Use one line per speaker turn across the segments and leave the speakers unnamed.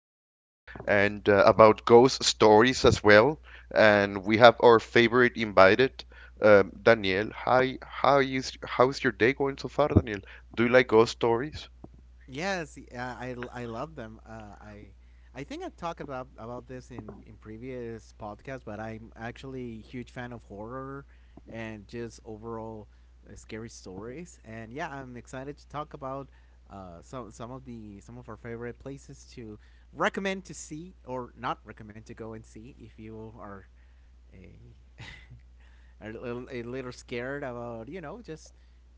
places, and about ghost stories as well. And we have our favorite invited, Daniel. Hi, how's your day going so far, Daniel? Do you like ghost stories?
Yes, I love them. I think I've talked about this in previous podcasts, but I'm actually a huge fan of horror and just overall scary stories. And yeah, I'm excited to talk about some of our favorite places to recommend to see or not recommend to go and see if you are a a little scared about just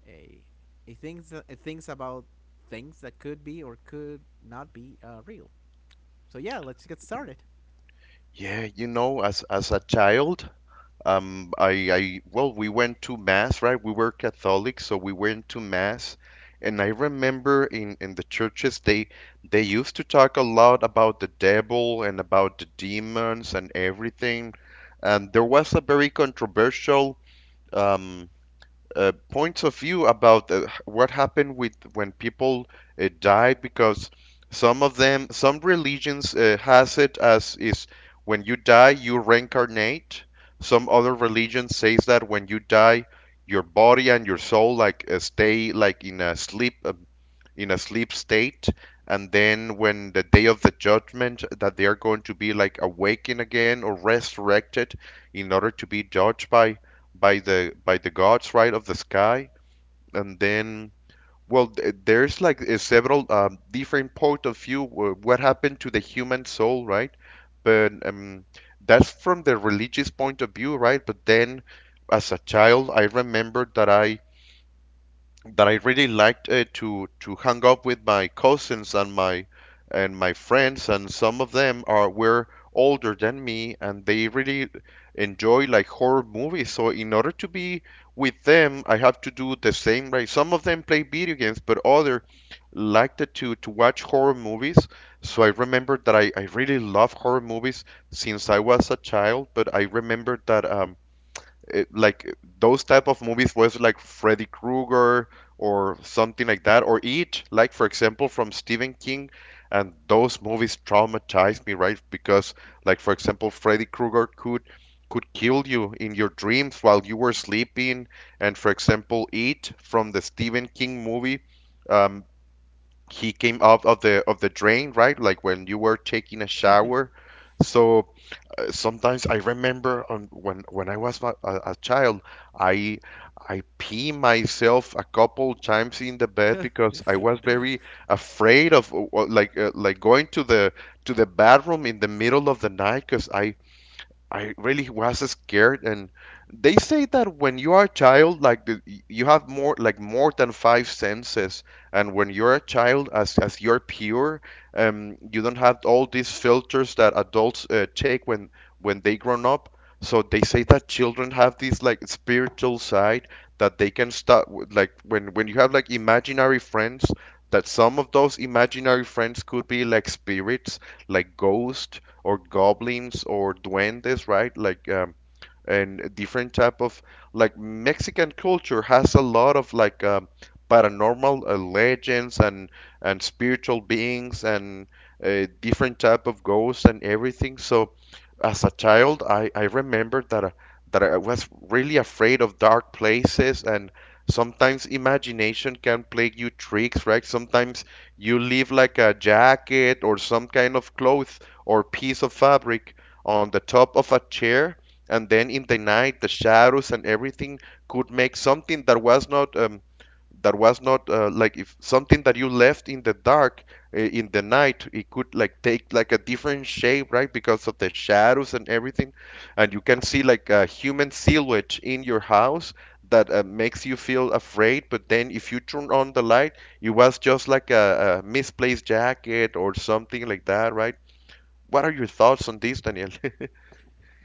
a, a things about things that could be or could not be real. So yeah, let's get started.
Yeah, you know, as a child. Well, we went to mass, right? We were Catholic, so we went to mass, and I remember in the churches they used to talk a lot about the devil and about the demons and everything. And there was a very controversial um points of view about what happened with when people die because some of them some religions has it as is when you die you reincarnate. Some other religion says that when you die your body and your soul like stay like in a sleep, in a sleep state, and then when the day of the judgment, that they are going to be like awakened again or resurrected in order to be judged by the gods, right, of the sky, and then well, there's like several different point of view what happened to the human soul, right? But that's from the religious point of view, right? But then, as a child, I remember that I really liked to hang up with my cousins and my friends, and some of them are were older than me, and they really enjoy like horror movies. So in order to be with them, I have to do the same, right? Some of them play video games, but other liked it to watch horror movies. So I remembered that I really love horror movies since I was a child, but I remembered that it, like those type of movies was like Freddy Krueger or something like that, or It, like for example from Stephen King, and those movies traumatized me, right? Because like for example, Freddy Krueger could kill you in your dreams while you were sleeping, and for example, It from the Stephen King movie, um, he came out of the drain, right? Like when you were taking a shower, so sometimes I remember on, when I was a child, I I pee myself a couple times in the bed because I was very afraid of like going to the bathroom in the middle of the night because I really was scared, and they say that when you are a child, like the, you have more, like more than five senses, and when you're a child, as you're pure, you don't have all these filters that adults take when they grown up. So they say that children have this like spiritual side that they can start with, like when you have like imaginary friends, that some of those imaginary friends could be like spirits, like ghosts or goblins or duendes, right? Like and different type of like Mexican culture has a lot of like paranormal legends and spiritual beings and different type of ghosts and everything. So as a child, I remember that I was really afraid of dark places, and sometimes imagination can play you tricks, right? Sometimes you leave like a jacket or some kind of clothes or piece of fabric on the top of a chair, and then in the night, the shadows and everything could make something that was not like if something that you left in the dark in the night, it could like take like a different shape, right? Because of the shadows and everything, and you can see like a human silhouette in your house that makes you feel afraid. But then if you turn on the light, it was just like a misplaced jacket or something like that, right? What are your thoughts on this, Daniel?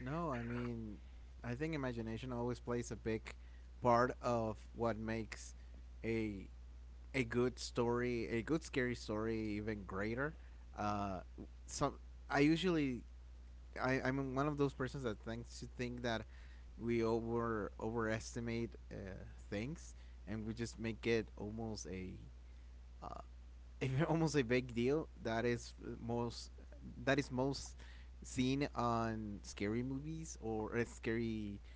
No, I mean, I think imagination always plays a big part of what makes a a good story, a good scary story, even greater. Uh, some I usually I'm one of those persons that think that we overestimate things and we just make it almost a uh, almost a big deal most that is most seen on scary movies or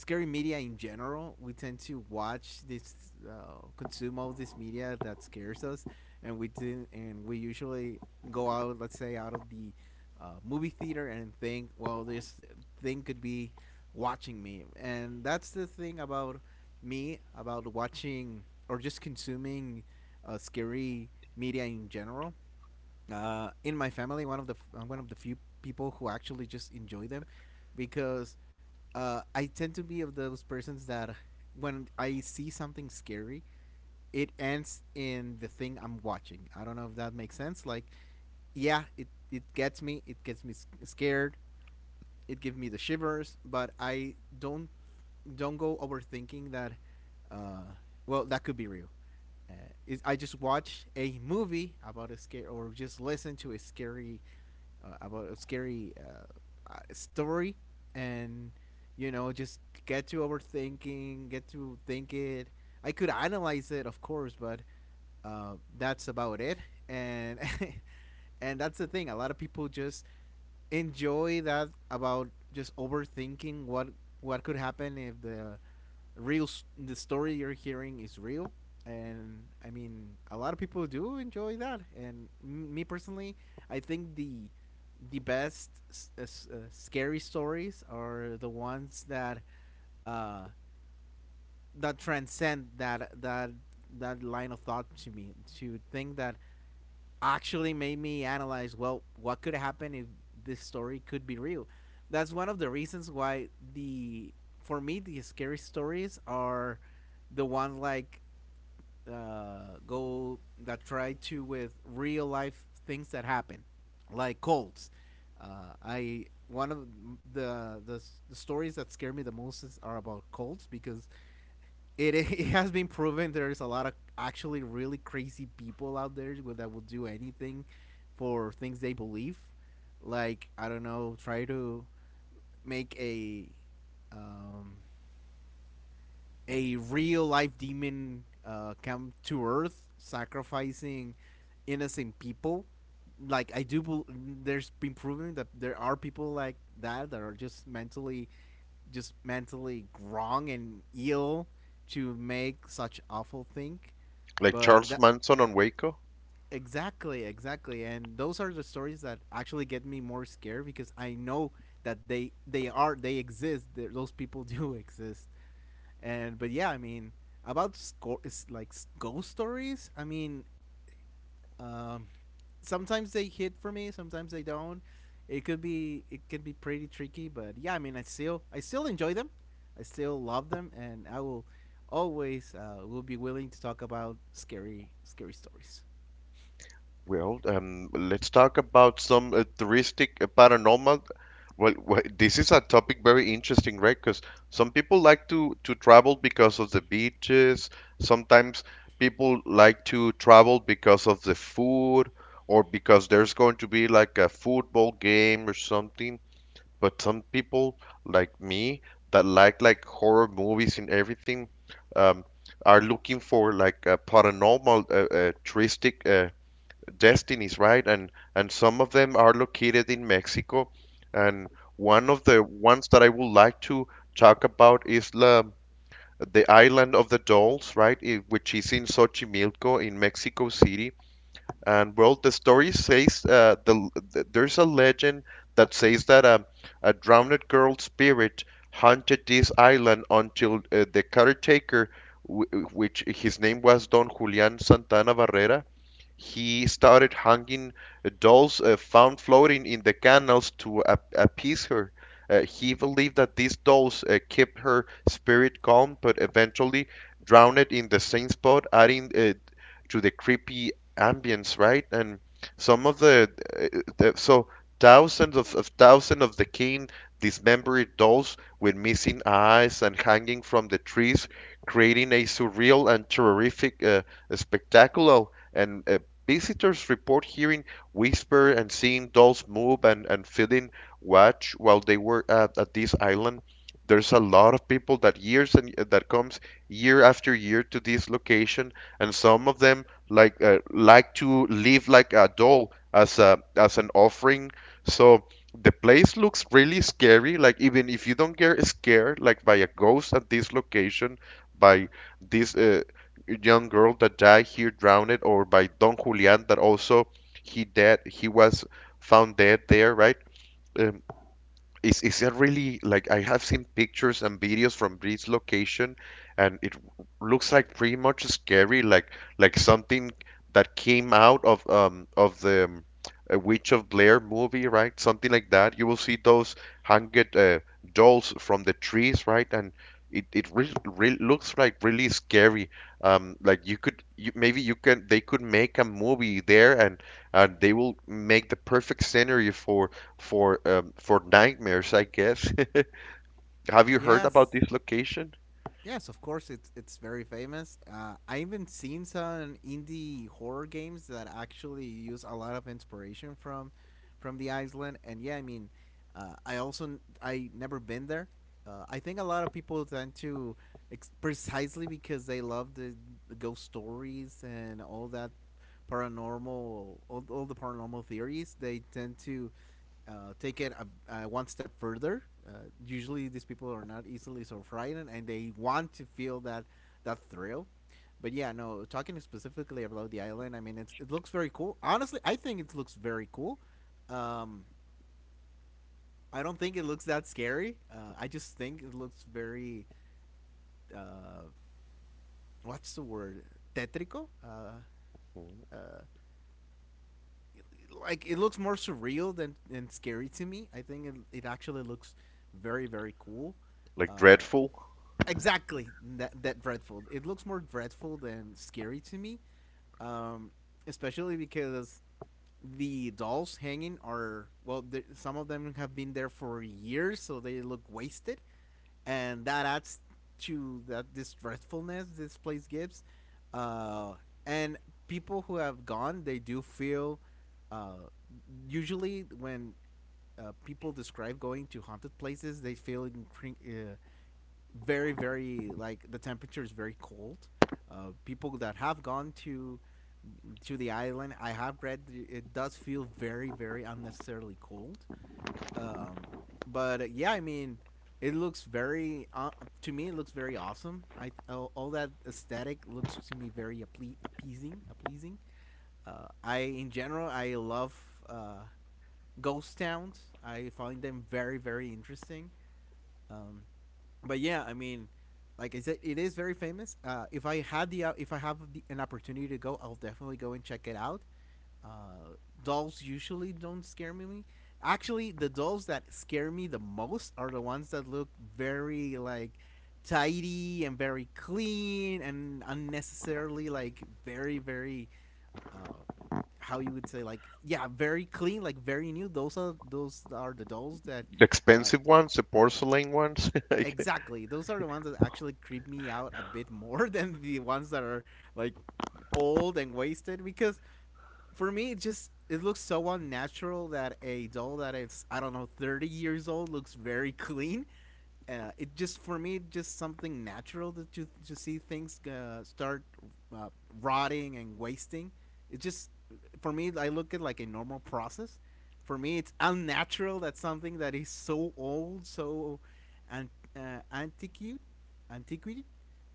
scary media in general. We tend to watch this, consume all this media that scares us, and we didn't and we usually go out, let's say, out of the movie theater and think, well, this thing could be watching me. And that's the thing about me about watching or just consuming scary media in general. In my family, one of the few people who actually just enjoy them, because I tend to be of those persons that when I see something scary, it ends in the thing I'm watching. I don't know if that makes sense. Like, yeah, it gets me. It gets me scared. It gives me the shivers. But I don't go overthinking that. Uh, well, that could be real. Uh, is I just watch a movie about a scary, or just listen to a scary, uh, about a scary uh, story, and you know, just get to overthinking, get to think it. I could analyze it, of course, but that's about it. And and that's the thing. A lot of people just enjoy that about just overthinking what could happen if the real the story you're hearing is real. And I mean, a lot of people do enjoy that, and me personally, I think the best scary stories are the ones that uh that transcend that line of thought, to me, to think that actually made me analyze, well, what could happen if this story could be real. That's one of the reasons why the for me the scary stories are the ones like go that try to with real life things that happen, like cults. I one of the, the the stories that scare me the most are about cults, because it, it has been proven there's a lot of actually really crazy people out there that will do anything for things they believe. Like, I don't know, try to make um, a real life demon come to Earth, sacrificing innocent people. Like, I do, bel there's been proven that there are people like that that are just mentally wrong and ill to make such awful thing.
Like
But
Charles
that
Manson on Waco?
Exactly, exactly, and those are the stories that actually get me more scared because I know that they exist. They Those people do exist. And but yeah, I mean, about score is like s- ghost stories. I mean, um, sometimes they hit for me, sometimes they don't. It can be pretty tricky, but yeah, I mean, I still enjoy them, I still love them, and I will always will be willing to talk about scary stories.
Well, let's talk about some touristic paranormal. Well, this is a topic very interesting, right? Because some people like to travel because of the beaches. Sometimes people like to travel because of the food or because there's going to be like a football game or something. But some people like me that like horror movies and everything, um, are looking for like paranormal touristic destinies, right? And some of them are located in Mexico. And one of the ones that I would like to talk about is the island of the dolls, right? Which is in Xochimilco in Mexico City. And well, the story says there's a legend that says that a drowned girl spirit haunted this island until the caretaker, which his name was Don Julian Santana Barrera, he started hanging dolls found floating in the canals to appease her. He believed that these dolls kept her spirit calm, but eventually drowned it in the same spot, adding to the creepy ambience, right? And some of the, uh, the so thousands of thousands of the king dismembered dolls with missing eyes and hanging from the trees, creating a surreal and terrific spectacle. And visitors report hearing whisper and seeing dolls move and feeling watch while they were at this island. There's a lot of people that years and that comes year after year to this location, and some of them like to live like a doll as a as an offering. So the place looks really scary. Like even if you don't get scared like by a ghost at this location, by this young girl that died here drowned, or by Don Julian that also he dead he was found dead there, right? Um, is that really like I have seen pictures and videos from this location, and it looks like pretty much scary, like something that came out of the Witch of Blair movie, right? Something like that. You will see those hanged dolls from the trees, right? And it really, really looks like really scary. Like you could you, maybe you can they could make a movie there, and they will make the perfect scenery for for nightmares, I guess. Have you heard about
Yes,
this location?
yes, of course, it's very famous. I even seen some indie horror games that actually use a lot of inspiration from the Iceland. And yeah, I mean, I also I never been there. I think a lot of people tend to precisely because they love the ghost stories and all that paranormal, all the paranormal theories. They tend to take it a one step further. Usually, these people are not easily so frightened, and they want to feel that thrill. But yeah, no. Talking specifically about the island, I mean, it's, it looks very cool. Honestly, I think it looks very cool. Um, I don't think it looks that scary. I just think it looks very uh, what's the word? Tetrico.
Mm.
Like, it looks more surreal than scary to me. I think it, it actually looks very very cool.
Like
Uh,
dreadful,
exactly that dreadful. It looks more dreadful than scary to me, um, especially because the dolls hanging are well. The, some of them have been there for years, so they look wasted, and that adds to that this dreadfulness this place gives. Uh, and people who have gone, they do feel. Uh, Usually, when people describe going to haunted places, they feel very very like the temperature is very cold. People that have gone to the island, I have read it does feel very very unnecessarily cold. Um, but yeah, I mean, it looks very to me it looks very awesome. I All that aesthetic looks to me very appeasing, appeasing. I in general I love uh, ghost towns. I find them very very interesting. Um, but yeah, I mean, like I said, it is very famous. If I have the, an opportunity to go, I'll definitely go and check it out. Uh, Dolls usually don't scare me. Actually, the dolls that scare me the most are the ones that look very like tidy and very clean and unnecessarily like very very uh, how you would say, like, yeah, very clean, like very new. Those are the dolls that
the
uh,
expensive ones, the porcelain ones. Like,
exactly. Those are the ones that actually creep me out a bit more than the ones that are like old and wasted, because for me it just it looks so unnatural that a doll that is, I don't know, 30 years old looks very clean. It just for me just something natural that to see things start uh, rotting and wasting. It just for me I look at like a normal process. For me, it's unnatural that something that is so old, an, uh, antiquated, antiquated,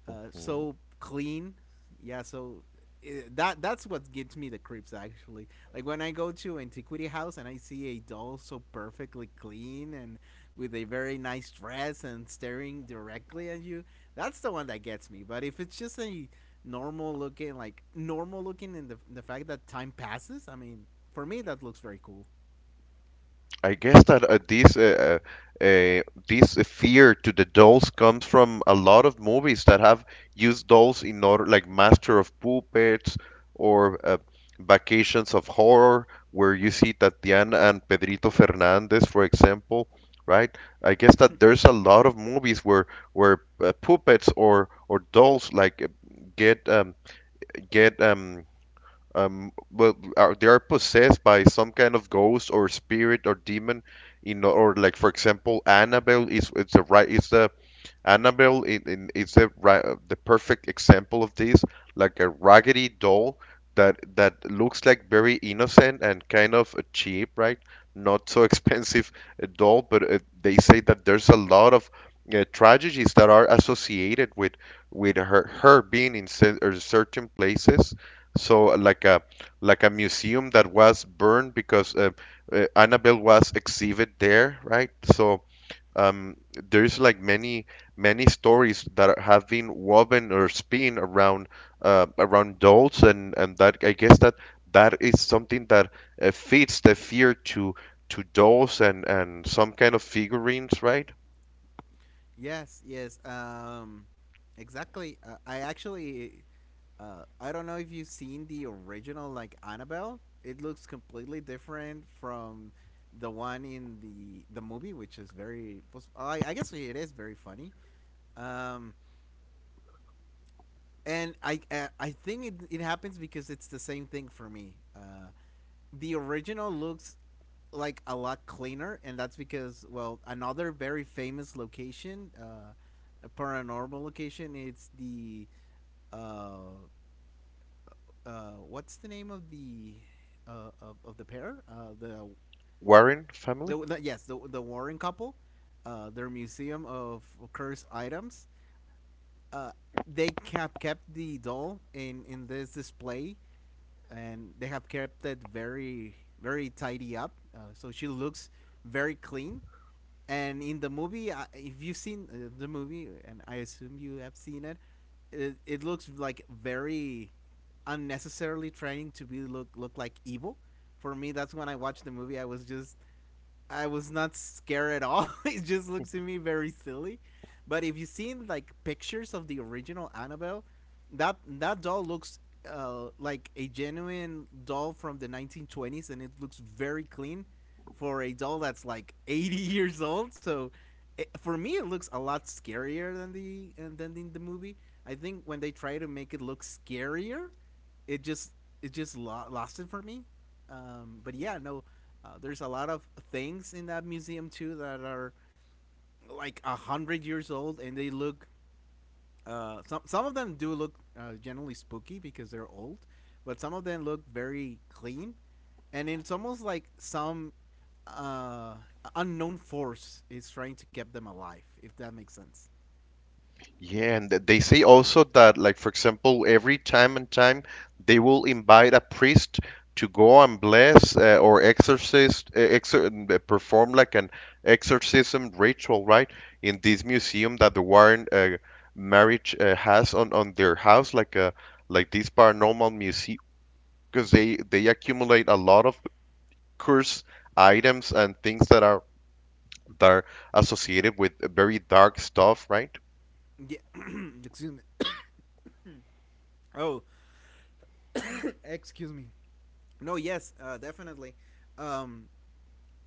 mm.
so clean. Yeah, so that that's what gets me the creeps actually. Like when I go to antiquity house and I see a doll so perfectly clean and with a very nice dress and staring directly at you, that's the one that gets me. But if it's just a normal looking, like normal looking, in the fact that time passes, I mean, for me that looks very cool.
I guess that uh, uh, this fear to the dolls comes from a lot of movies that have used dolls in order, like Master of Puppets or Vacations of Horror, where you see Tatiana and Pedrito Fernandez, for example, right? I guess that there's a lot of movies where puppets or dolls like get um, get well, are, they are possessed by some kind of ghost or spirit or demon, you know, or like for example, Annabelle is it's a right is the Annabelle in, is the the perfect example of this, like a raggedy doll that that looks like very innocent and kind of cheap, right? Not so expensive a doll, but they say that there's a lot of tragedies that are associated with her her being in certain places. So like a museum that was burned because Annabelle was exhibited there, right? So um, there's like many many stories that have been woven or spin around around dolls and that I guess that that is something that fits the fear to dolls and some kind of figurines, right?
Yes, yes. Exactly. I don't know if you've seen the original, like, Annabelle. It looks completely different from the one in the movie, which is very. I guess it is very funny. Um, and I think it happens because it's the same thing for me. The original looks like a lot cleaner, and that's because, well, another very famous location, a paranormal location. It's the uh, what's the name of of the pair?
Warren family?
The Yes, the Warren couple. Their museum of cursed items. Uh, they kept the doll in this display, and they have kept it very very tidy up. So she looks very clean. And in the movie, if you've seen the movie, and I assume you have seen it, it, it looks like very unnecessarily trying to be look look like evil. For me, that's when I watched the movie. I was not scared at all. It just looks to me very silly. But if you've seen like pictures of the original Annabelle, that that doll looks like a genuine doll from the 1920s, and it looks very clean for a doll that's like 80 years old. So it, for me, it looks a lot scarier than the and than in the movie. I think when they try to make it look scarier, it just it just lost it for me. But yeah, no, there's a lot of things in that museum too that are like 100 years old, and they look. Some of them do look generally spooky because they're old, but some of them look very clean, and it's almost like some uh, unknown force is trying to keep them alive. If that makes sense.
Yeah, and they say also that, like, for example, every time and time they will invite a priest to go and bless or perform like an exorcism ritual, right? In this museum that the Warren marriage has on their house, like a like this paranormal museum, because they accumulate a lot of cursed items and things that are associated with very dark stuff, right?
Yeah. Excuse me. Oh, excuse me. No. Yes. Definitely. Um,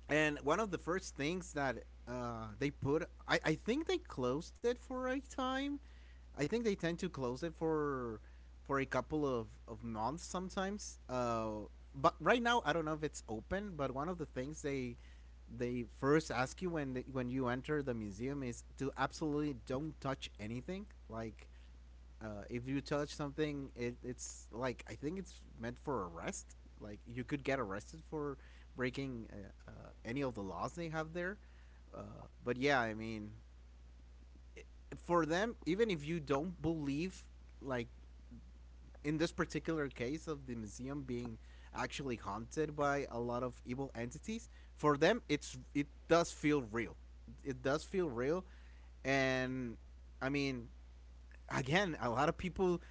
And one of the first things that they put, I think they closed it for a time. I think they tend to close it for a couple of months sometimes. But right now, I don't know if it's open. But one of the things they first ask you when when you enter the museum is to absolutely don't touch anything. Like if you touch something, it's like I think it's meant for arrest. Like you could get arrested for breaking any of the laws they have there. But yeah, I mean, for them, even if you don't believe, like in this particular case of the museum being actually haunted by a lot of evil entities, for them it does feel real. It does feel real, and I mean, again, a lot of people,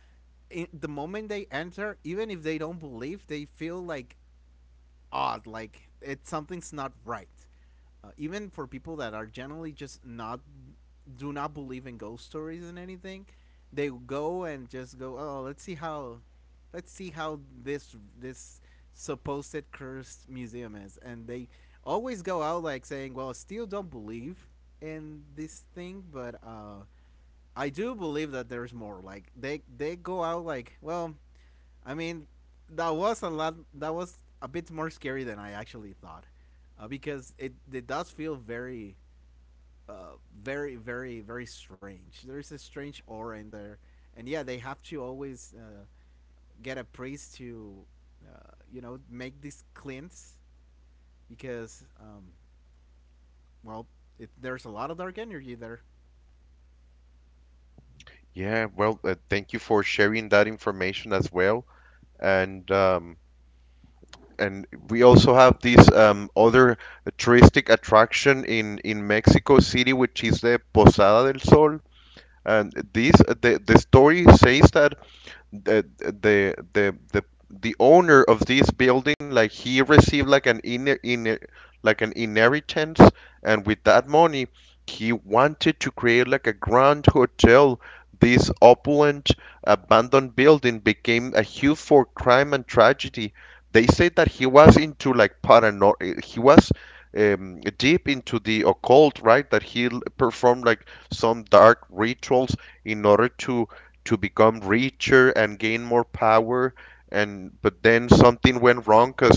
in the moment they enter, even if they don't believe, they feel like odd. Like it something's not right. Even for people that are generally just not do not believe in ghost stories and anything, they go and just go, "Oh, let's see how this supposed cursed museum is." And they always go out like saying, "Well, I still don't believe in this thing, but I do believe that there's more." Like they go out like, "Well, I mean, that was a lot. That was a bit more scary than I actually thought, because it does feel very, very strange. There's a strange aura in there, and yeah, they have to always get a priest to, you know, make this cleanse because, well, there's a lot of dark energy there.
Yeah, well, thank you for sharing that information as well. And um, and we also have this other touristic attraction in Mexico City, which is the Posada del Sol. And this the story says that the the the the the owner of this building, like, he received like an inner inner like an inheritance, and with that money he wanted to create like a grand hotel. This opulent abandoned building became a hue for crime and tragedy. They say that he was into like parano he was deep into the occult, right, that he performed like some dark rituals in order to become richer and gain more power. And but then something went wrong because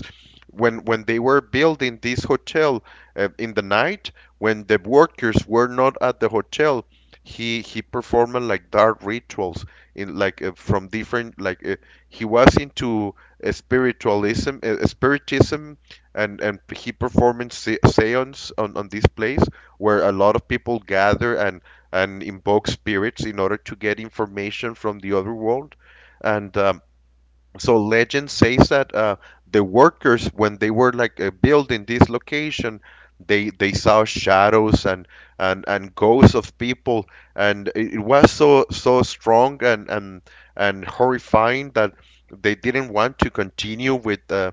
when they were building this hotel, in the night when the workers were not at the hotel, he performed like dark rituals, in like from different like he was into spiritualism, spiritism. And he performed seance on this place, where a lot of people gather and invoke spirits in order to get information from the other world. And so legend says that the workers, when they were building this location, they saw shadows and and ghosts of people, and it was so strong and and horrifying that they didn't want to continue with uh,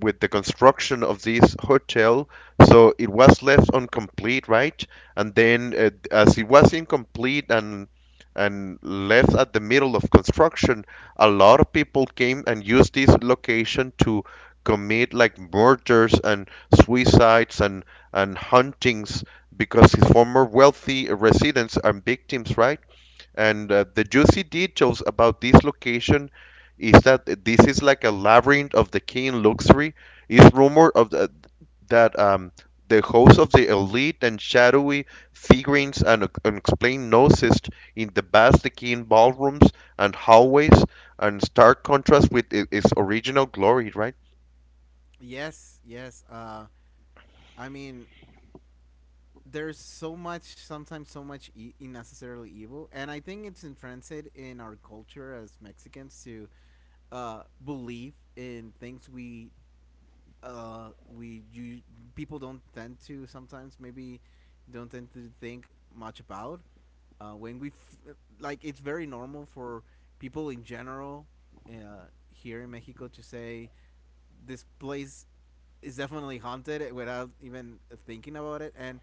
with the construction of this hotel. So it was left incomplete, right? And then as it was incomplete and left at the middle of construction, a lot of people came and used this location to commit like murders and suicides and huntings, because his former wealthy residents are victims, right? And the juicy details about this location is that this is like a labyrinth of the king luxury. It's rumored that the host of the elite and shadowy figurines and unexplained noises in the vast decaying ballrooms and hallways, and stark contrast with its original glory, right?
Yes, yes. I mean, there's so much sometimes so much unnecessarily evil, and I think it's intrinsic in our culture as Mexicans to believe in things we you people don't tend to sometimes maybe don't tend to think much about like it's very normal for people in general here in Mexico to say this place is definitely haunted without even thinking about it. And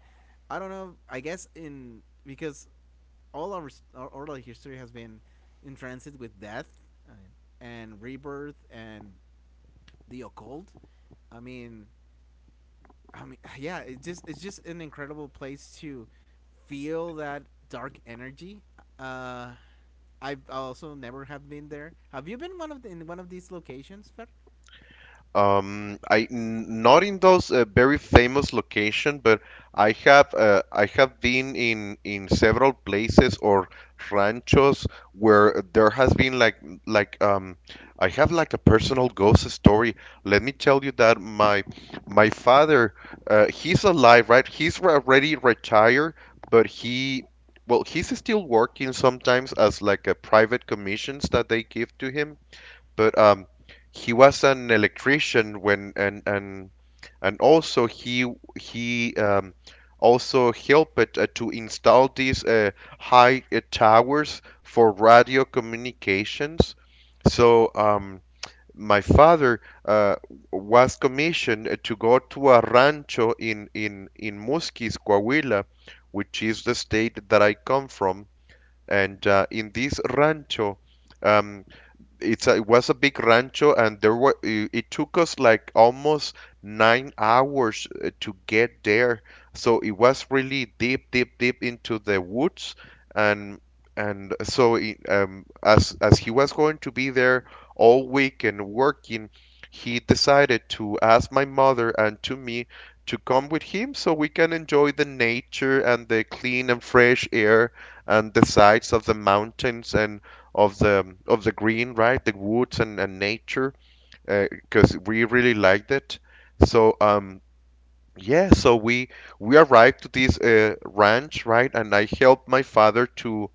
I don't know, I guess in because all our oral history has been in transit with death and rebirth and the occult. I mean, I mean, yeah, it just it's just an incredible place to feel that dark energy. Uh, I've also never have been there. Have you been one of the, in one of these locations, Fer?
I not in those very famous location, but I have been in several places or ranchos, where there has been like like um I have like a personal ghost story. Let me tell you that my father, he's alive, right? He's already retired, but he well he's still working sometimes as like a private commissions that they give to him. But he was an electrician, when and also he also helped to install these high towers for radio communications. So my father, was commissioned to go to a rancho in Musquis, Coahuila, which is the state that I come from, and in this rancho. Um, it was a big rancho, and it took us like almost 9 hours to get there. So it was really deep, deep, deep into the woods, and so it, as he was going to be there all week and working, he decided to ask my mother and to me to come with him, so we can enjoy the nature and the clean and fresh air and the sights of the mountains and of the green, right? The woods and nature, because we really liked it. So yeah, we arrived to this ranch, right? And I helped my father to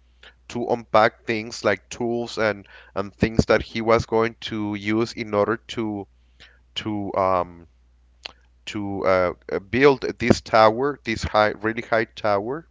unpack things like tools and things that he was going to use in order to um to build this tower, this high, really high tower.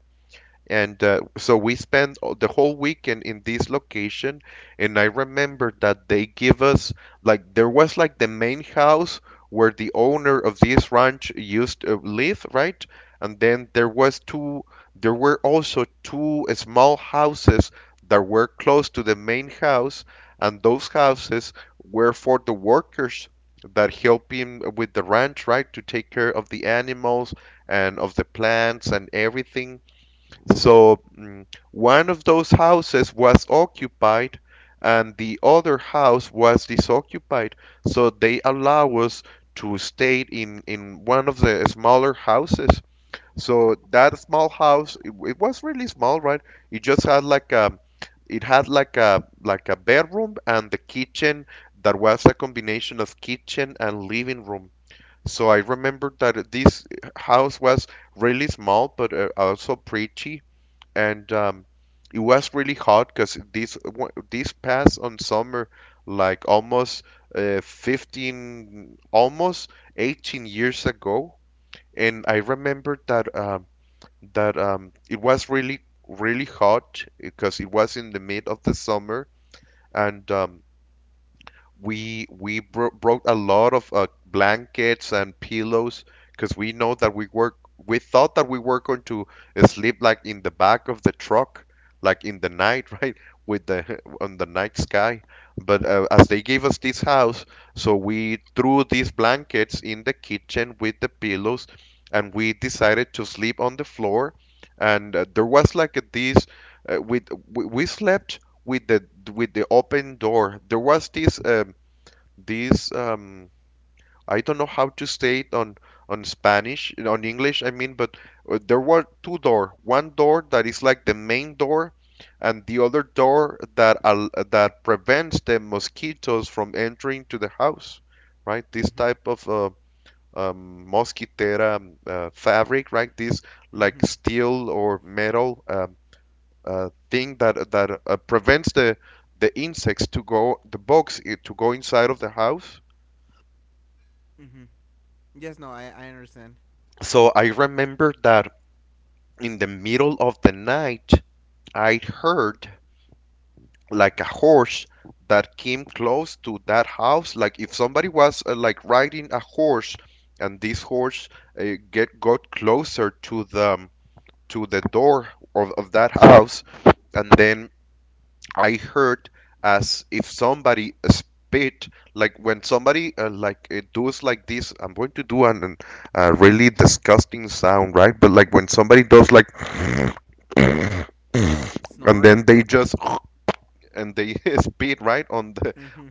And so we spent the whole weekend in this location. And I remember that they give us like there was like the main house where the owner of this ranch used to live, right? And then there were also two small houses that were close to the main house, and those houses were for the workers that help him with the ranch, right? To take care of the animals and of the plants and everything. So one of those houses was occupied and the other house was disoccupied. So they allow us to stay in one of the smaller houses. So that small house, it was really small, right? It just had like a, it had like a bedroom and the kitchen that was a combination of kitchen and living room. So I remember that this house was really small, but also pretty, and it was really hot because these these paths on summer, like almost 15, almost 18 years ago. And I remember that it was really really hot because it was in the mid of the summer. And we broke a lot of blankets and pillows, because we know that we work. We thought that we were going to sleep like in the back of the truck, like in the night, right, with the on the night sky. But as they gave us this house, so we threw these blankets in the kitchen with the pillows, and we decided to sleep on the floor. And there was like a, this. Uh, we we slept with the open door. There was this this I don't know how to say it on Spanish, on English. I mean, but there were two door. One door that is like the main door, and the other door that al that prevents the mosquitoes from entering to the house. Right, this
Mm-hmm.
type of mosquitera, fabric, right? This like
Mm-hmm.
steel or metal, thing that prevents the insects to go, the bugs to go inside of the house.
Mm-hmm. Yes. No. I understand.
So I remember that in the middle of the night I heard like a horse that came close to that house, like if somebody was like riding a horse, and this horse, uh, get got closer to the door of that house, and then I heard as if somebody spit, like when somebody, like, it does like this. I'm going to do an a really disgusting sound, right? But like when somebody does like, and
Snoring.
then they just and they spit right on the.
Mm-hmm.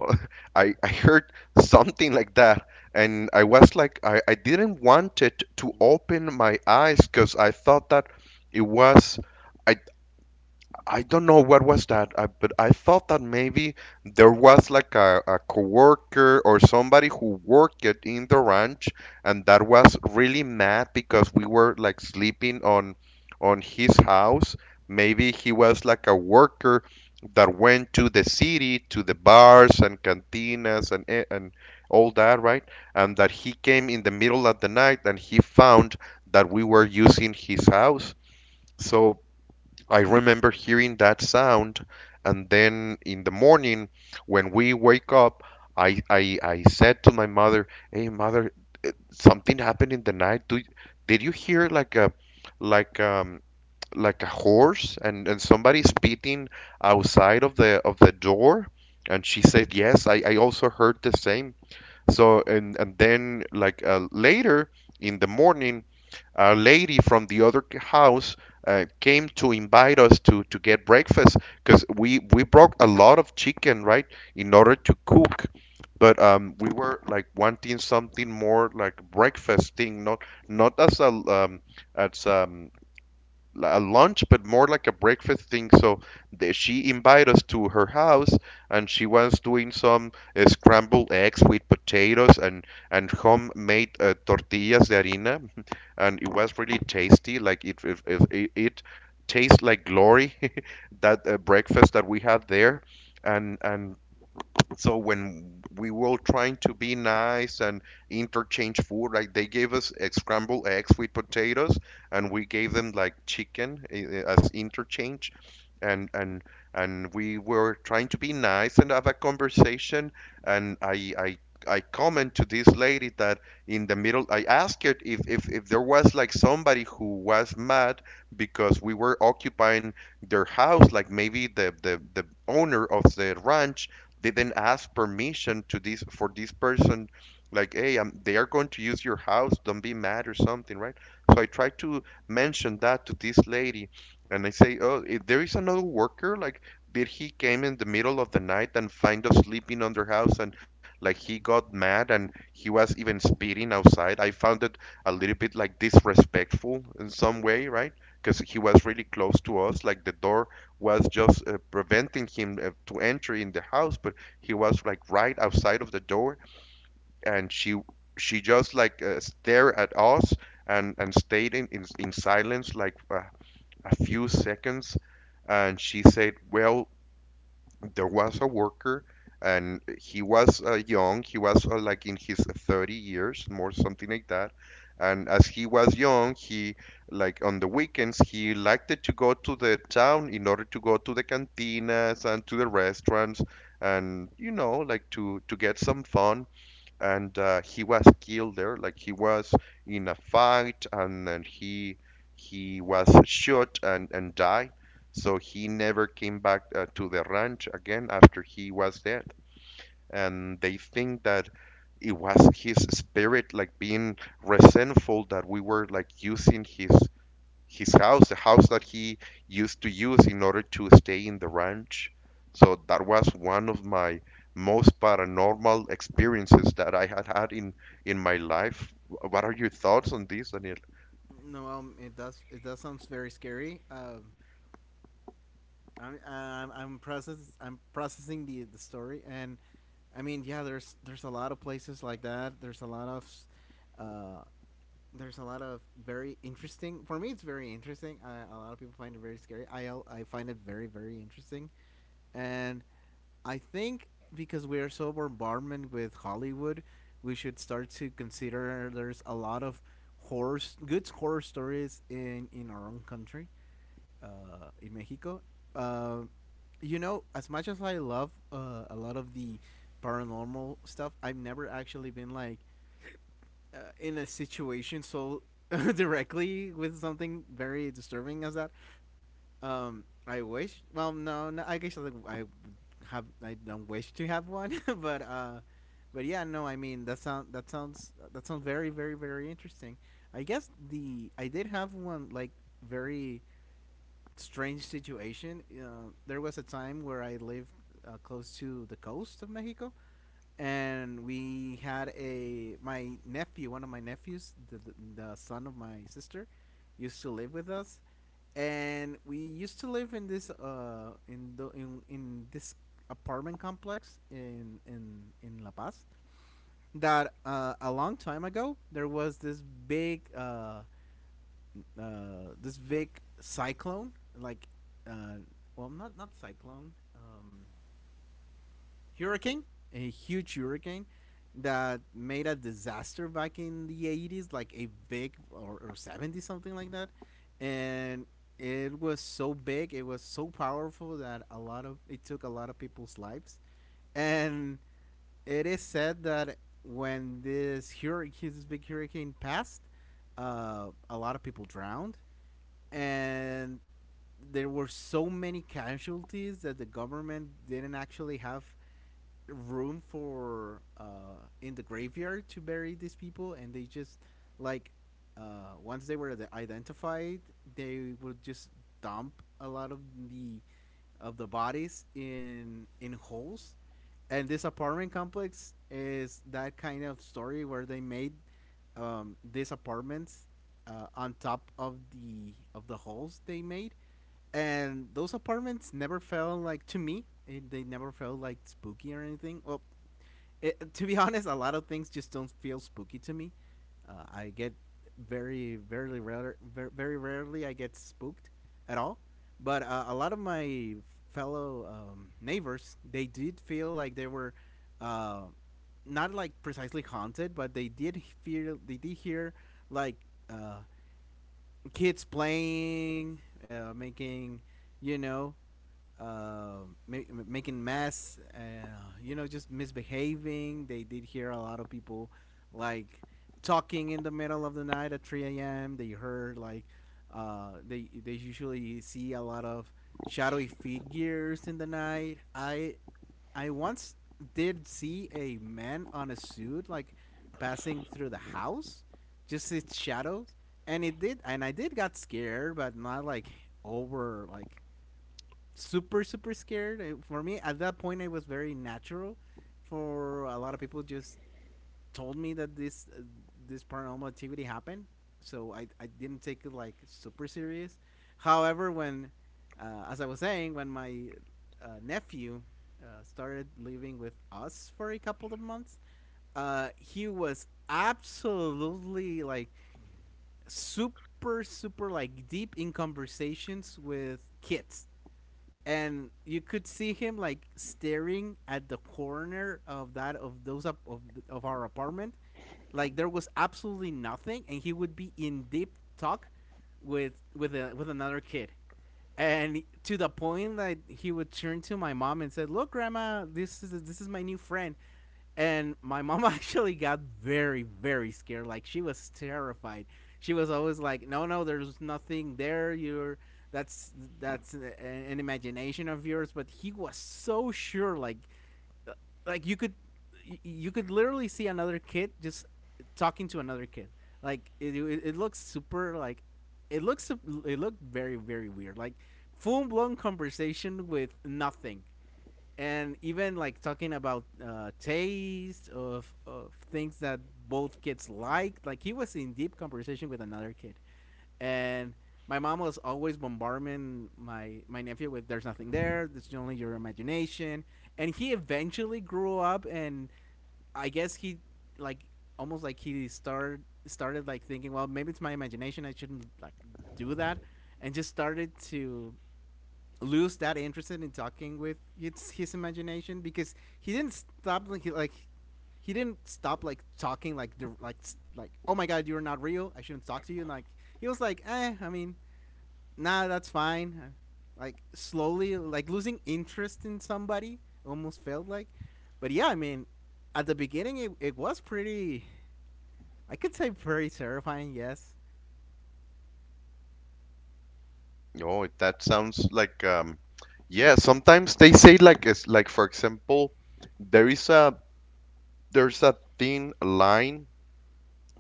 I heard something like that, and I was like, I didn't want it to open my eyes because I thought that it was. I I don't know what was that, but I thought that maybe there was like a coworker or somebody who worked it in the ranch, and that was really mad because we were like sleeping on his house. Maybe he was like a worker that went to the city, to the bars and cantinas and and all that, right? And that he came in the middle of the night and he found that we were using his house. So I remember hearing that sound, and then in the morning, when we wake up, I said to my mother, "Hey, mother, something happened in the night. Did you hear like a like like a horse and somebody spitting outside of the door?" And she said, "Yes, I also heard the same." So and and then, later in the morning, a lady from the other house, came to invite us to get breakfast, because we broke a lot of chicken, right, in order to cook, but we were like wanting something more like breakfast thing, not as a lunch, but more like a breakfast thing. So she invited us to her house, and she was doing some scrambled eggs with potatoes and homemade tortillas de harina, and it was really tasty. Like it tastes like glory that breakfast that we had there. And so when we were trying to be nice and interchange food, like they gave us, scrambled eggs with potatoes, and we gave them like chicken, as interchange. And we were trying to be nice and have a conversation, and I. I comment to this lady that in the middle, I asked her if there was like somebody who was mad because we were occupying their house, like maybe the owner of the ranch they then ask permission to this for this person like hey I'm, they are going to use your house, don't be mad or something, right? So I try to mention that to this lady, and I say, oh, if there is another worker like did he came in the middle of the night and find us sleeping on their house and like he got mad and he was even speeding outside. I found it a little bit like disrespectful in some way, right? Because he was really close to us like the door was just preventing him to enter in the house, but he was like right outside of the door, and she just like stared at us and stayed in silence like a few seconds, and she said, "Well, there was a worker and he was young, he was like in his 30 years more something like that, and as he was young he like on the weekends he liked it to go to the town in order to go to the cantinas and to the restaurants and you know like to get some fun and he was killed there. Like he was in a fight, and then he was shot and died. So he never came back to the ranch again after he was dead. And they think that it was his spirit, like being resentful that we were like using his house, the house that he used to use in order to stay in the ranch. So that was one of my most paranormal experiences that I had had in my life. What are your thoughts on this, Daniel?
No. It does. It does sounds very scary. I'm processing the story, and I mean, yeah, there's a lot of places like that. There's a lot of uh, there's a lot of very interesting. For me, it's very interesting. A lot of people find it very scary. I find it very interesting, and I think because we are so bombarded with Hollywood, we should start to consider there's a lot of good horror stories in our own country in Mexico. Uh, you know, as much as I love a lot of the paranormal stuff, I've never actually been like in a situation so directly with something very disturbing as that. I wish. Well, no, no, I guess like I have. I don't wish to have one, but yeah, no. I mean, that sounds that sounds very interesting. I guess the I did have one like very strange situation. There was a time where I lived close to the coast of Mexico, and we had a my nephew, one of my nephews, the, the son of my sister, used to live with us, and we used to live in this in in this apartment complex in in La Paz. That a long time ago there was this big this Vic cyclone, like, uh, well, not cyclone, hurricane, a huge hurricane that made a disaster back in the 80s, like a big or 70 something like that, and it was so big, it was so powerful that a lot of it took a lot of people's lives, and it is said that when this hurricane, this big hurricane passed, a lot of people drowned, and there were so many casualties that the government didn't actually have room for in the graveyard to bury these people, and they just like once they were identified, they would just dump a lot the of the bodies in holes. And this apartment complex is that kind of story where they made these apartments on top of the holes they made, and those apartments never felt like to me they never felt like spooky or anything. Well, to be honest, a lot of things just don't feel spooky to me. I get very rarely I get spooked at all. But a lot of my fellow neighbors, they did feel like they were uh, not like precisely haunted, but they did feel they did hear like uh, kids playing, making, you know, uh, ma- making mess, you know, just misbehaving. They did hear a lot of people like talking in the middle of the night at 3 a.m. They heard like they usually see a lot of shadowy figures in the night. I once did see a man on a suit like passing through the house, just its shadows, and I did got scared, but not like over like super scared. For me, at that point, I was very natural. For a lot of people, just told me that this this paranormal activity happened, so I didn't take it like super serious. However, when as I was saying, when my nephew started living with us for a couple of months, he was absolutely like super like deep in conversations with kids, and you could see him like staring at the corner of that of those of our apartment, like there was absolutely nothing, and he would be in deep talk with with another kid, and to the point that he would turn to my mom and said, "Look, grandma, this is my new friend." And my mom actually got very scared. Like she was terrified. She was always like, "No, no, there's nothing there. You're that's that's an imagination of yours." But he was so sure, uh, like you could literally see another kid just talking to another kid. Like it looks super like it looks it looked very weird, like full blown conversation with nothing, and even like talking about taste of things that both kids liked. Like he was in deep conversation with another kid, and my mom was always bombarding my nephew with, "There's nothing there. It's only your imagination." And he eventually grew up, and I guess he like almost like he started like thinking, well, maybe it's my imagination. I shouldn't like do that, and just started to lose that interest in talking with his imagination, because he didn't stop like he didn't stop like talking like the like oh my god, you're not real, I shouldn't talk to you, and like he was like, eh, I mean, nah, that's fine. Like slowly like losing interest in somebody almost felt like. But yeah, I mean, at the beginning it was pretty, I could say pretty terrifying, yes.
Oh, that sounds like yeah. Sometimes they say like it's like, for example, there is a there's a thin line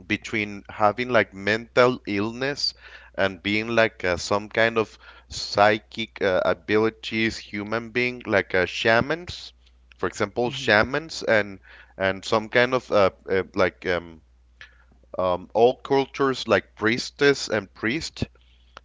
between having like mental illness and being like some kind of psychic abilities human being like shamans, for example,
Mm-hmm.
shamans and some kind of like all cultures like priestess and priest,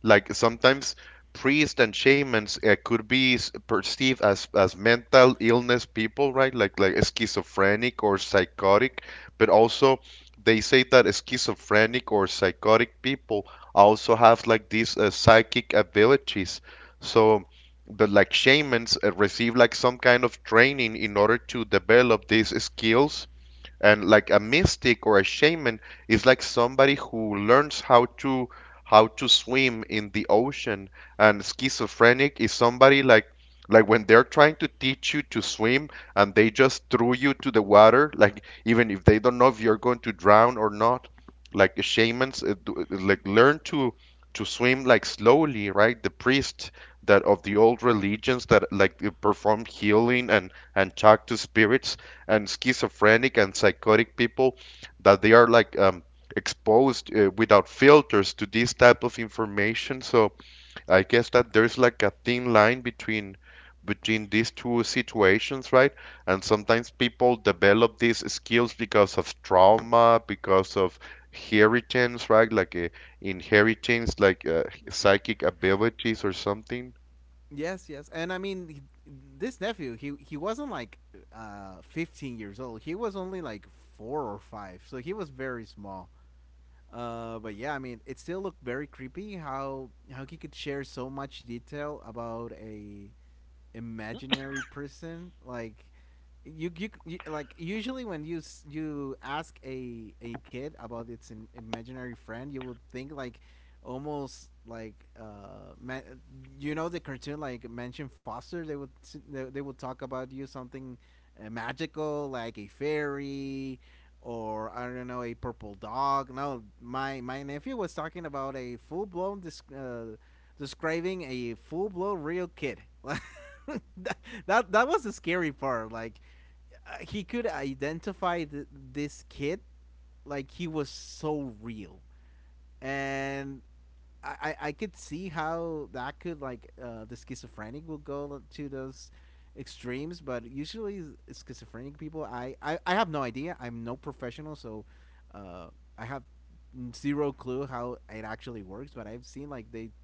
like sometimes priests and shamans could be s- perceived as mental illness people, right? Like schizophrenic or psychotic, but also they say that schizophrenic or psychotic people also have like these psychic abilities. So, but like shamans receive like some kind of training in order to develop these skills, and like a mystic or a shaman is like somebody who learns how to swim in the ocean, and schizophrenic is somebody like when they're trying to teach you to swim and they just threw you to the water like even if they don't know if you're going to drown or not. Like shamans do- like learn to swim like slowly, right? The priest that of the old religions that like perform healing and talk to spirits, and schizophrenic and psychotic people that they are like exposed without filters to this type of information. So I guess that there's like a thin line between between these two situations, right? And sometimes people develop these skills because of trauma, because of inheritance, right? Like inheritance, like psychic abilities or something.
Yes, yes, and I mean he, this nephew, he wasn't like 15 years old. He was only like four or five, so he was very small. But yeah, I mean, it still looked very creepy how he could share so much detail about a imaginary person. Like you like usually when you you ask a kid about its imaginary friend, you would think like almost like man, you know, the cartoon like mention foster, they would they would talk about you something magical like a fairy or I don't know, a purple dog. No, my nephew was talking about a describing a full blown real kid. That, that was the scary part. Like he could identify this kid. Like he was so real, and I could see how that could like the schizophrenic will go to those extremes. But usually schizophrenic people, I have no idea. I'm no professional, so uh, I have zero clue how it actually works. But I've seen like they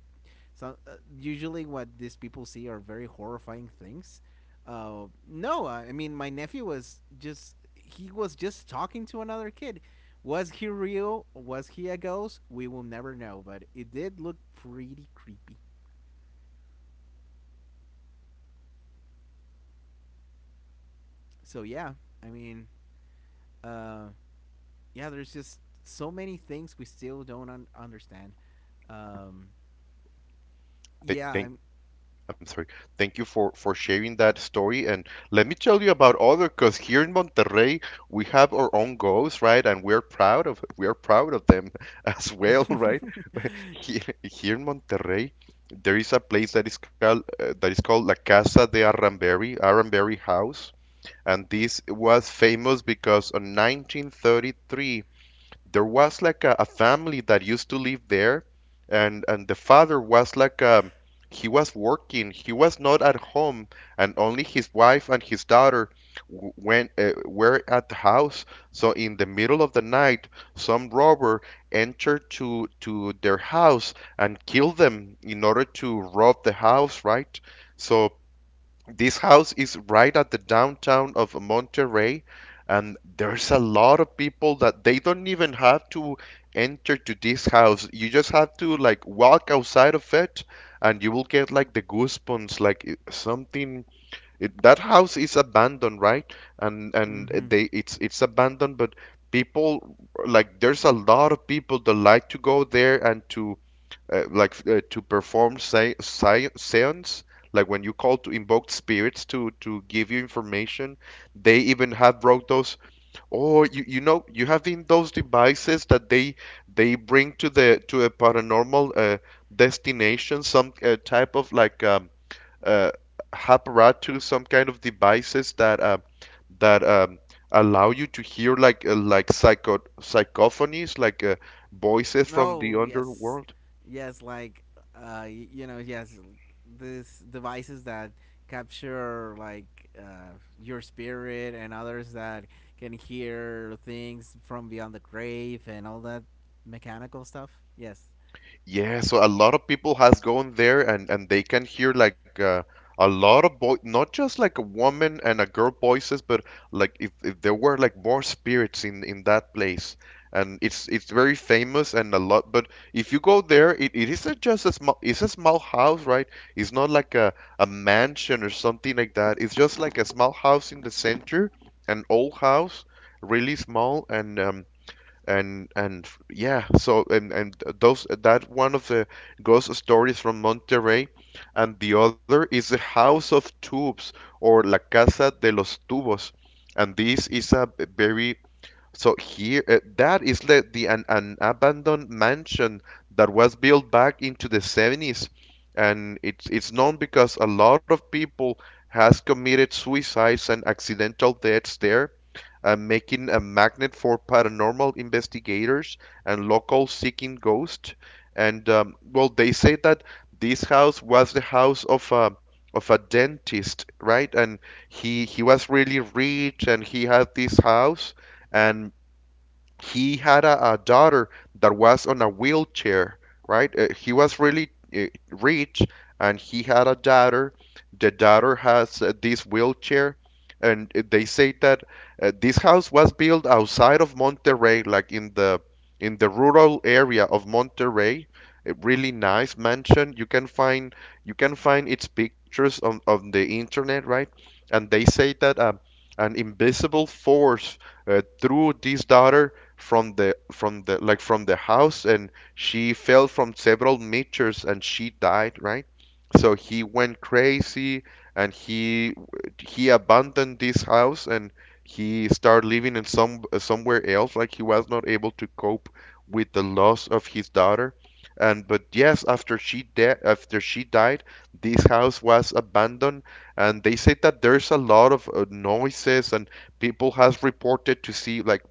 so usually, what these people see are very horrifying things. No, I mean my nephew was just he was just talking to another kid. Was he real? Was he a ghost? We will never know, but it did look pretty creepy. So yeah, I mean, uh, yeah, there's just so many things we still don't un- understand. Um,
Th-
yeah,
Thank,
I'm.
I'm sorry. Thank you for sharing that story. And let me tell you about other, because here in Monterrey we have our own goals, right? And we're proud of we are proud of them as well, right? Here, here in Monterrey, there is a place that is called La Casa de Arramberi, Arramberi House, and this was famous because in 1933 there was like a family that used to live there, and the father was like he was working, he was not at home, and only his wife and his daughter w- went were at the house. So in the middle of the night some robber entered to their house and killed them in order to rob the house, right? So this house is right at the downtown of Monterrey, and there's a lot of people that they don't even have to enter to this house. You just have to like walk outside of it, and you will get like the goosebumps, like it- something. It, that house is abandoned, right? And
Mm-hmm.
they it's abandoned, but people like there's a lot of people that like to go there and to like to perform se- se- seance, like when you call to invoke spirits to give you information. They even have brought those, or you know you have in those devices that they bring to the to a paranormal destination, some type of like uh, apparatus, some kind of devices that that allow you to hear like psycho psychophonies, like voices from the
Oh yes,
underworld.
yes. Like you know, yes. These devices that capture like your spirit and others that can hear things from beyond the grave and all that mechanical stuff. Yes.
Yeah, so a lot of people has gone there and they can hear like a lot of boy, not just like a woman and a girl voices, but like if there were like more spirits in that place. And it's very famous and a lot, but if you go there, it isn't just a small it's a small house, right? It's not like a mansion or something like that. It's just like a small house in the center, an old house, really small, and yeah. So and those that one of the ghost stories from Monterrey, and the other is the House of Tubes, or La Casa de los Tubos, and this is a very so here, that is like the an abandoned mansion that was built back into the 70s, and it's known because a lot of people has committed suicides and accidental deaths there, making a magnet for paranormal investigators and local seeking ghosts. And well, they say that this house was the house of a dentist, right? And he was really rich, and he had this house, and he had a daughter that was on a wheelchair, right? He was really uh, rich, and he had a daughter. The daughter has this wheelchair, and they say that this house was built outside of Monterrey, like in the rural area of Monterrey. A really nice mansion. You can find its pictures on the internet, right? And they say that. An invisible force threw this daughter from the like from the house, and she fell from several meters and she died, right? So he went crazy, and he abandoned this house, and he started living in some somewhere else, like he was not able to cope with the loss of his daughter. And but yes, after she de- after she died, this house was abandoned, and they said that there's a lot of noises, and people has reported to see like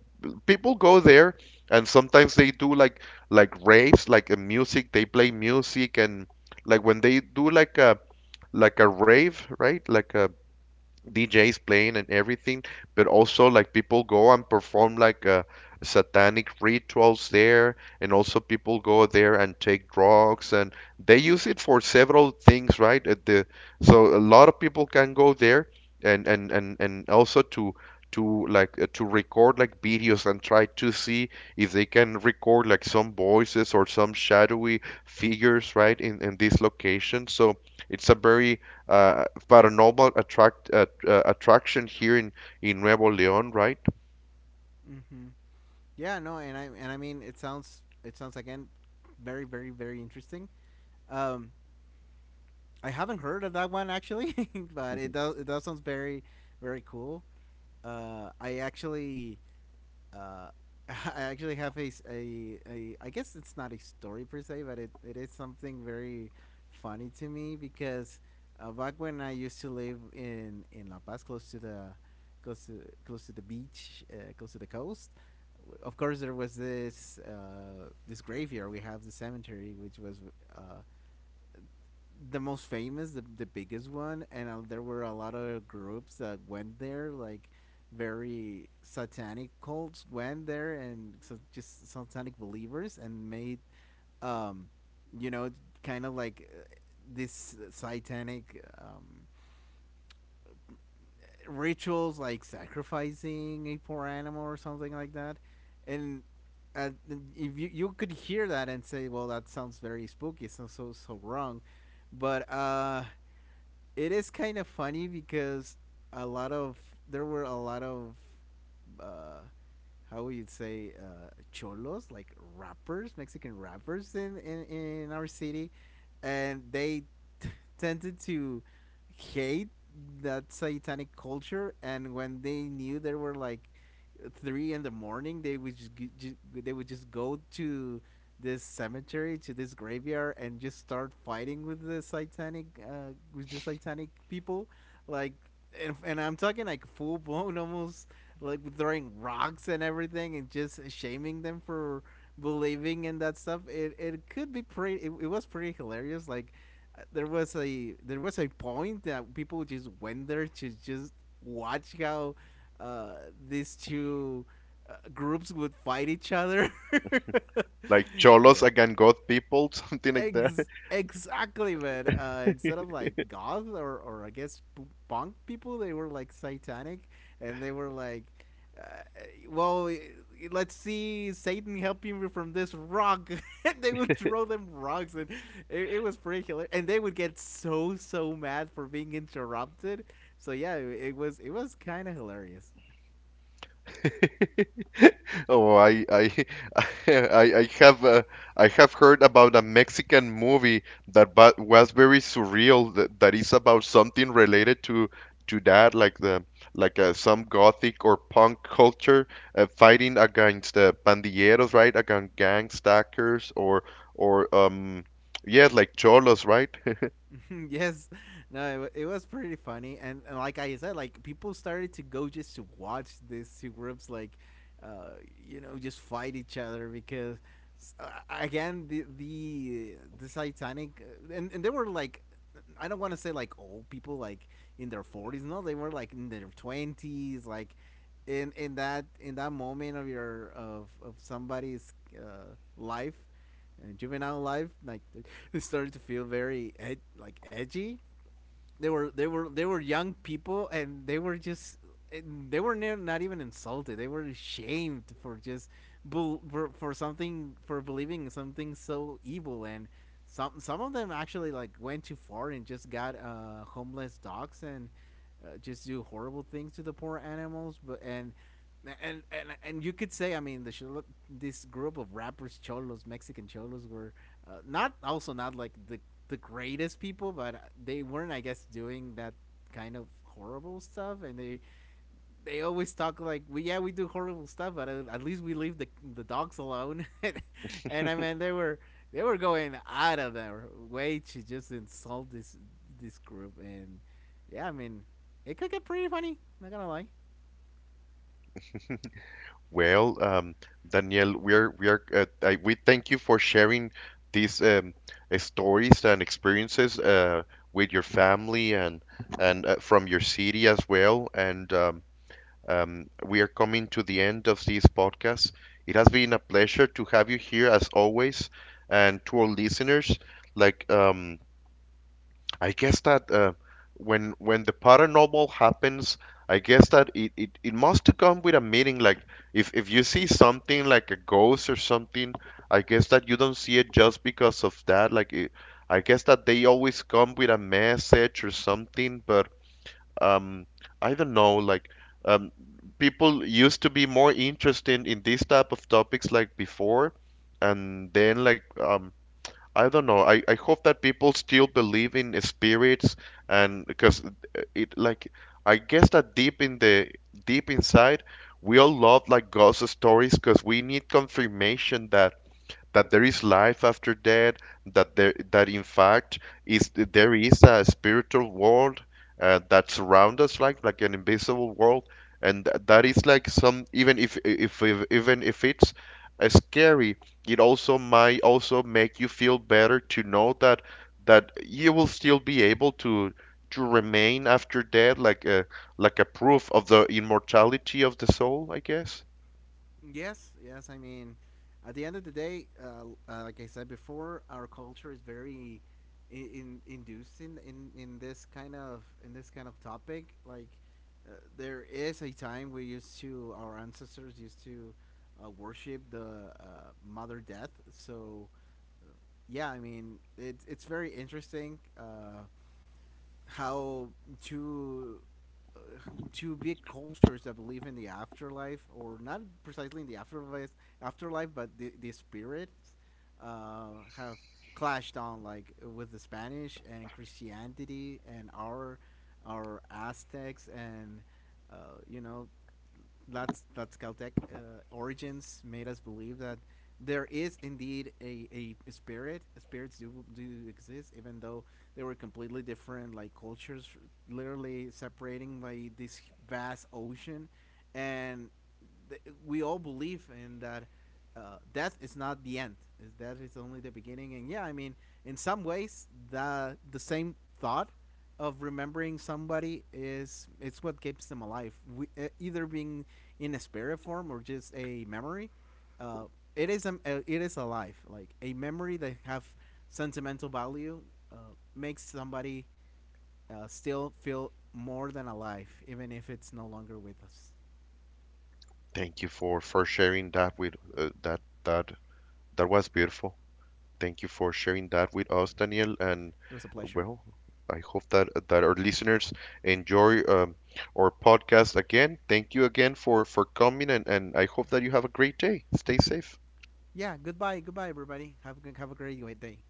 people go there, and sometimes they do like raves, like a music they play music and like when they do like a rave, right? Like a DJs playing and everything, but also like people go and perform like satanic rituals there, and also people go there and take drugs, and they use it for several things, right? At the so a lot of people can go there, and also to like to record like videos and try to see if they can record like some voices or some shadowy figures, right? In this location. So it's a very paranormal attract attraction here in Nuevo León, right?
Mm-hmm. Yeah. No. And I mean, it sounds again very very interesting. Um, I haven't heard of that one actually, but it does it does sounds very very cool. I actually uh, I actually have a, s- a- I guess it's not a story per se, but it is something very funny to me because back when I used to live in La Paz, close to the close to the beach, close to the coast. Of course, there was this graveyard. We have the cemetery, which was uh, the most famous, the biggest one, and there were a lot of groups that went there, like very satanic cults went there, and so just satanic believers, and made, um, you know, kind of like this satanic rituals, like sacrificing a poor animal or something like that, and. Uh, if you could hear that and say, well, that sounds very spooky, so so wrong, but it is kind of funny because a lot of there were a lot of uh, how would you say cholos like rappers, Mexican rappers in our city, and they t- tended to hate that satanic culture. And when they knew there were like three in the morning, they would they would just go to this cemetery to this graveyard and just start fighting with the satanic people like and I'm talking like full blown almost like throwing rocks and everything and just shaming them for believing in that stuff. It it, could be pretty it was pretty hilarious. Like there was a point that people just went there to just watch how uh, these two groups would fight each other.
Like cholos
Yeah.
against god people, something like
Ex- exactly, man. Instead of like goth or I guess punk people, they were like satanic, and they were like, uh, "Well, let's see Satan helping me from this rock." And they would throw them rocks, and it was pretty hilarious. And they would get so so mad for being interrupted. So yeah, it was kind of hilarious.
oh, I I, I have uh, I have heard about a Mexican movie that ba was very surreal that, that is about something related to that like the like some gothic or punk culture fighting against the pandilleros, right? Against gang stalkers or yes, like cholos, right?
Yes, no, it was pretty funny, and like I said, like people started to go just to watch these two groups, like, uh, you know, just fight each other because, again, the Titanic, and they were like, I don't want to say like old people, like in their forties, no, they were like in their twenties, like, in that moment of your of somebody's life and juvenile life like it started to feel very like edgy. They were young people and they were just not even insulted. They were shamed for just for something for believing something so evil. And some of them actually like went too far and just got homeless dogs and just do horrible things to the poor animals. But and and and, and you could say, I mean this group of rappers cholos Mexican cholos were not like the greatest people, but they weren't, I guess, doing that kind of horrible stuff. And they always talk like, "We yeah, we do horrible stuff, but at least we leave the dogs alone." And I mean, they were going out of their way to just insult this group. And yeah, I mean, it could get pretty funny. Not gonna lie.
Well, Daniel, we are I, we thank you for sharing these stories and experiences with your family and from your city as well. And we are coming to the end of this podcast. It has been a pleasure to have you here as always, and to our listeners, like I guess that when the paranormal happens, I guess that it must come with a meaning. Like if you see something like a ghost or something, I guess that you don't see it just because of that. Like it, I guess that they always come with a message or something. But um, I don't know. Like um, people used to be more interested in these type of topics like before, and then like I don't know. I hope that people still believe in spirits, and because it- like I guess that deep in the deep inside we all love like ghost stories because we need confirmation that that there is life after death, that there that in fact is there is a spiritual world that surrounds us like an invisible world, and th- that is like some even if even if it's scary, it also might also make you feel better to know that that you will still be able to remain after death like a proof of the immortality of the soul, I guess.
Yes, yes. I mean, at the end of the day, like I said before, our culture is very in inducing in this kind of in this kind of topic. Like, there is a time we used to our ancestors used to worship the mother death. So, yeah, I mean, it's very interesting. How two uh, two big cultures that believe in the afterlife or not precisely in the afterlife but the spirits have clashed on like with the Spanish and Christianity and our Aztecs and you know that's Caltech origins made us believe that there is indeed a spirits do exist even though they were completely different like cultures literally separating by this vast ocean and th- we all believe in that death is not the end. Is that is only the beginning. And yeah, I mean, in some ways, the same thought of remembering somebody is it's what keeps them alive. We, either being in a spirit form or just a memory. Uh, it is alive. Like a memory that have sentimental value makes somebody still feel more than alive, even if it's no longer with us.
Thank you for sharing that with that that That was beautiful. Thank you for sharing that with us, Daniel. And
It was a pleasure.
well, I hope that that our listeners enjoy our podcast again. Thank you again for coming, and I hope that you have a great day. Stay safe.
Yeah, goodbye, goodbye, everybody. Have a good, have a great day.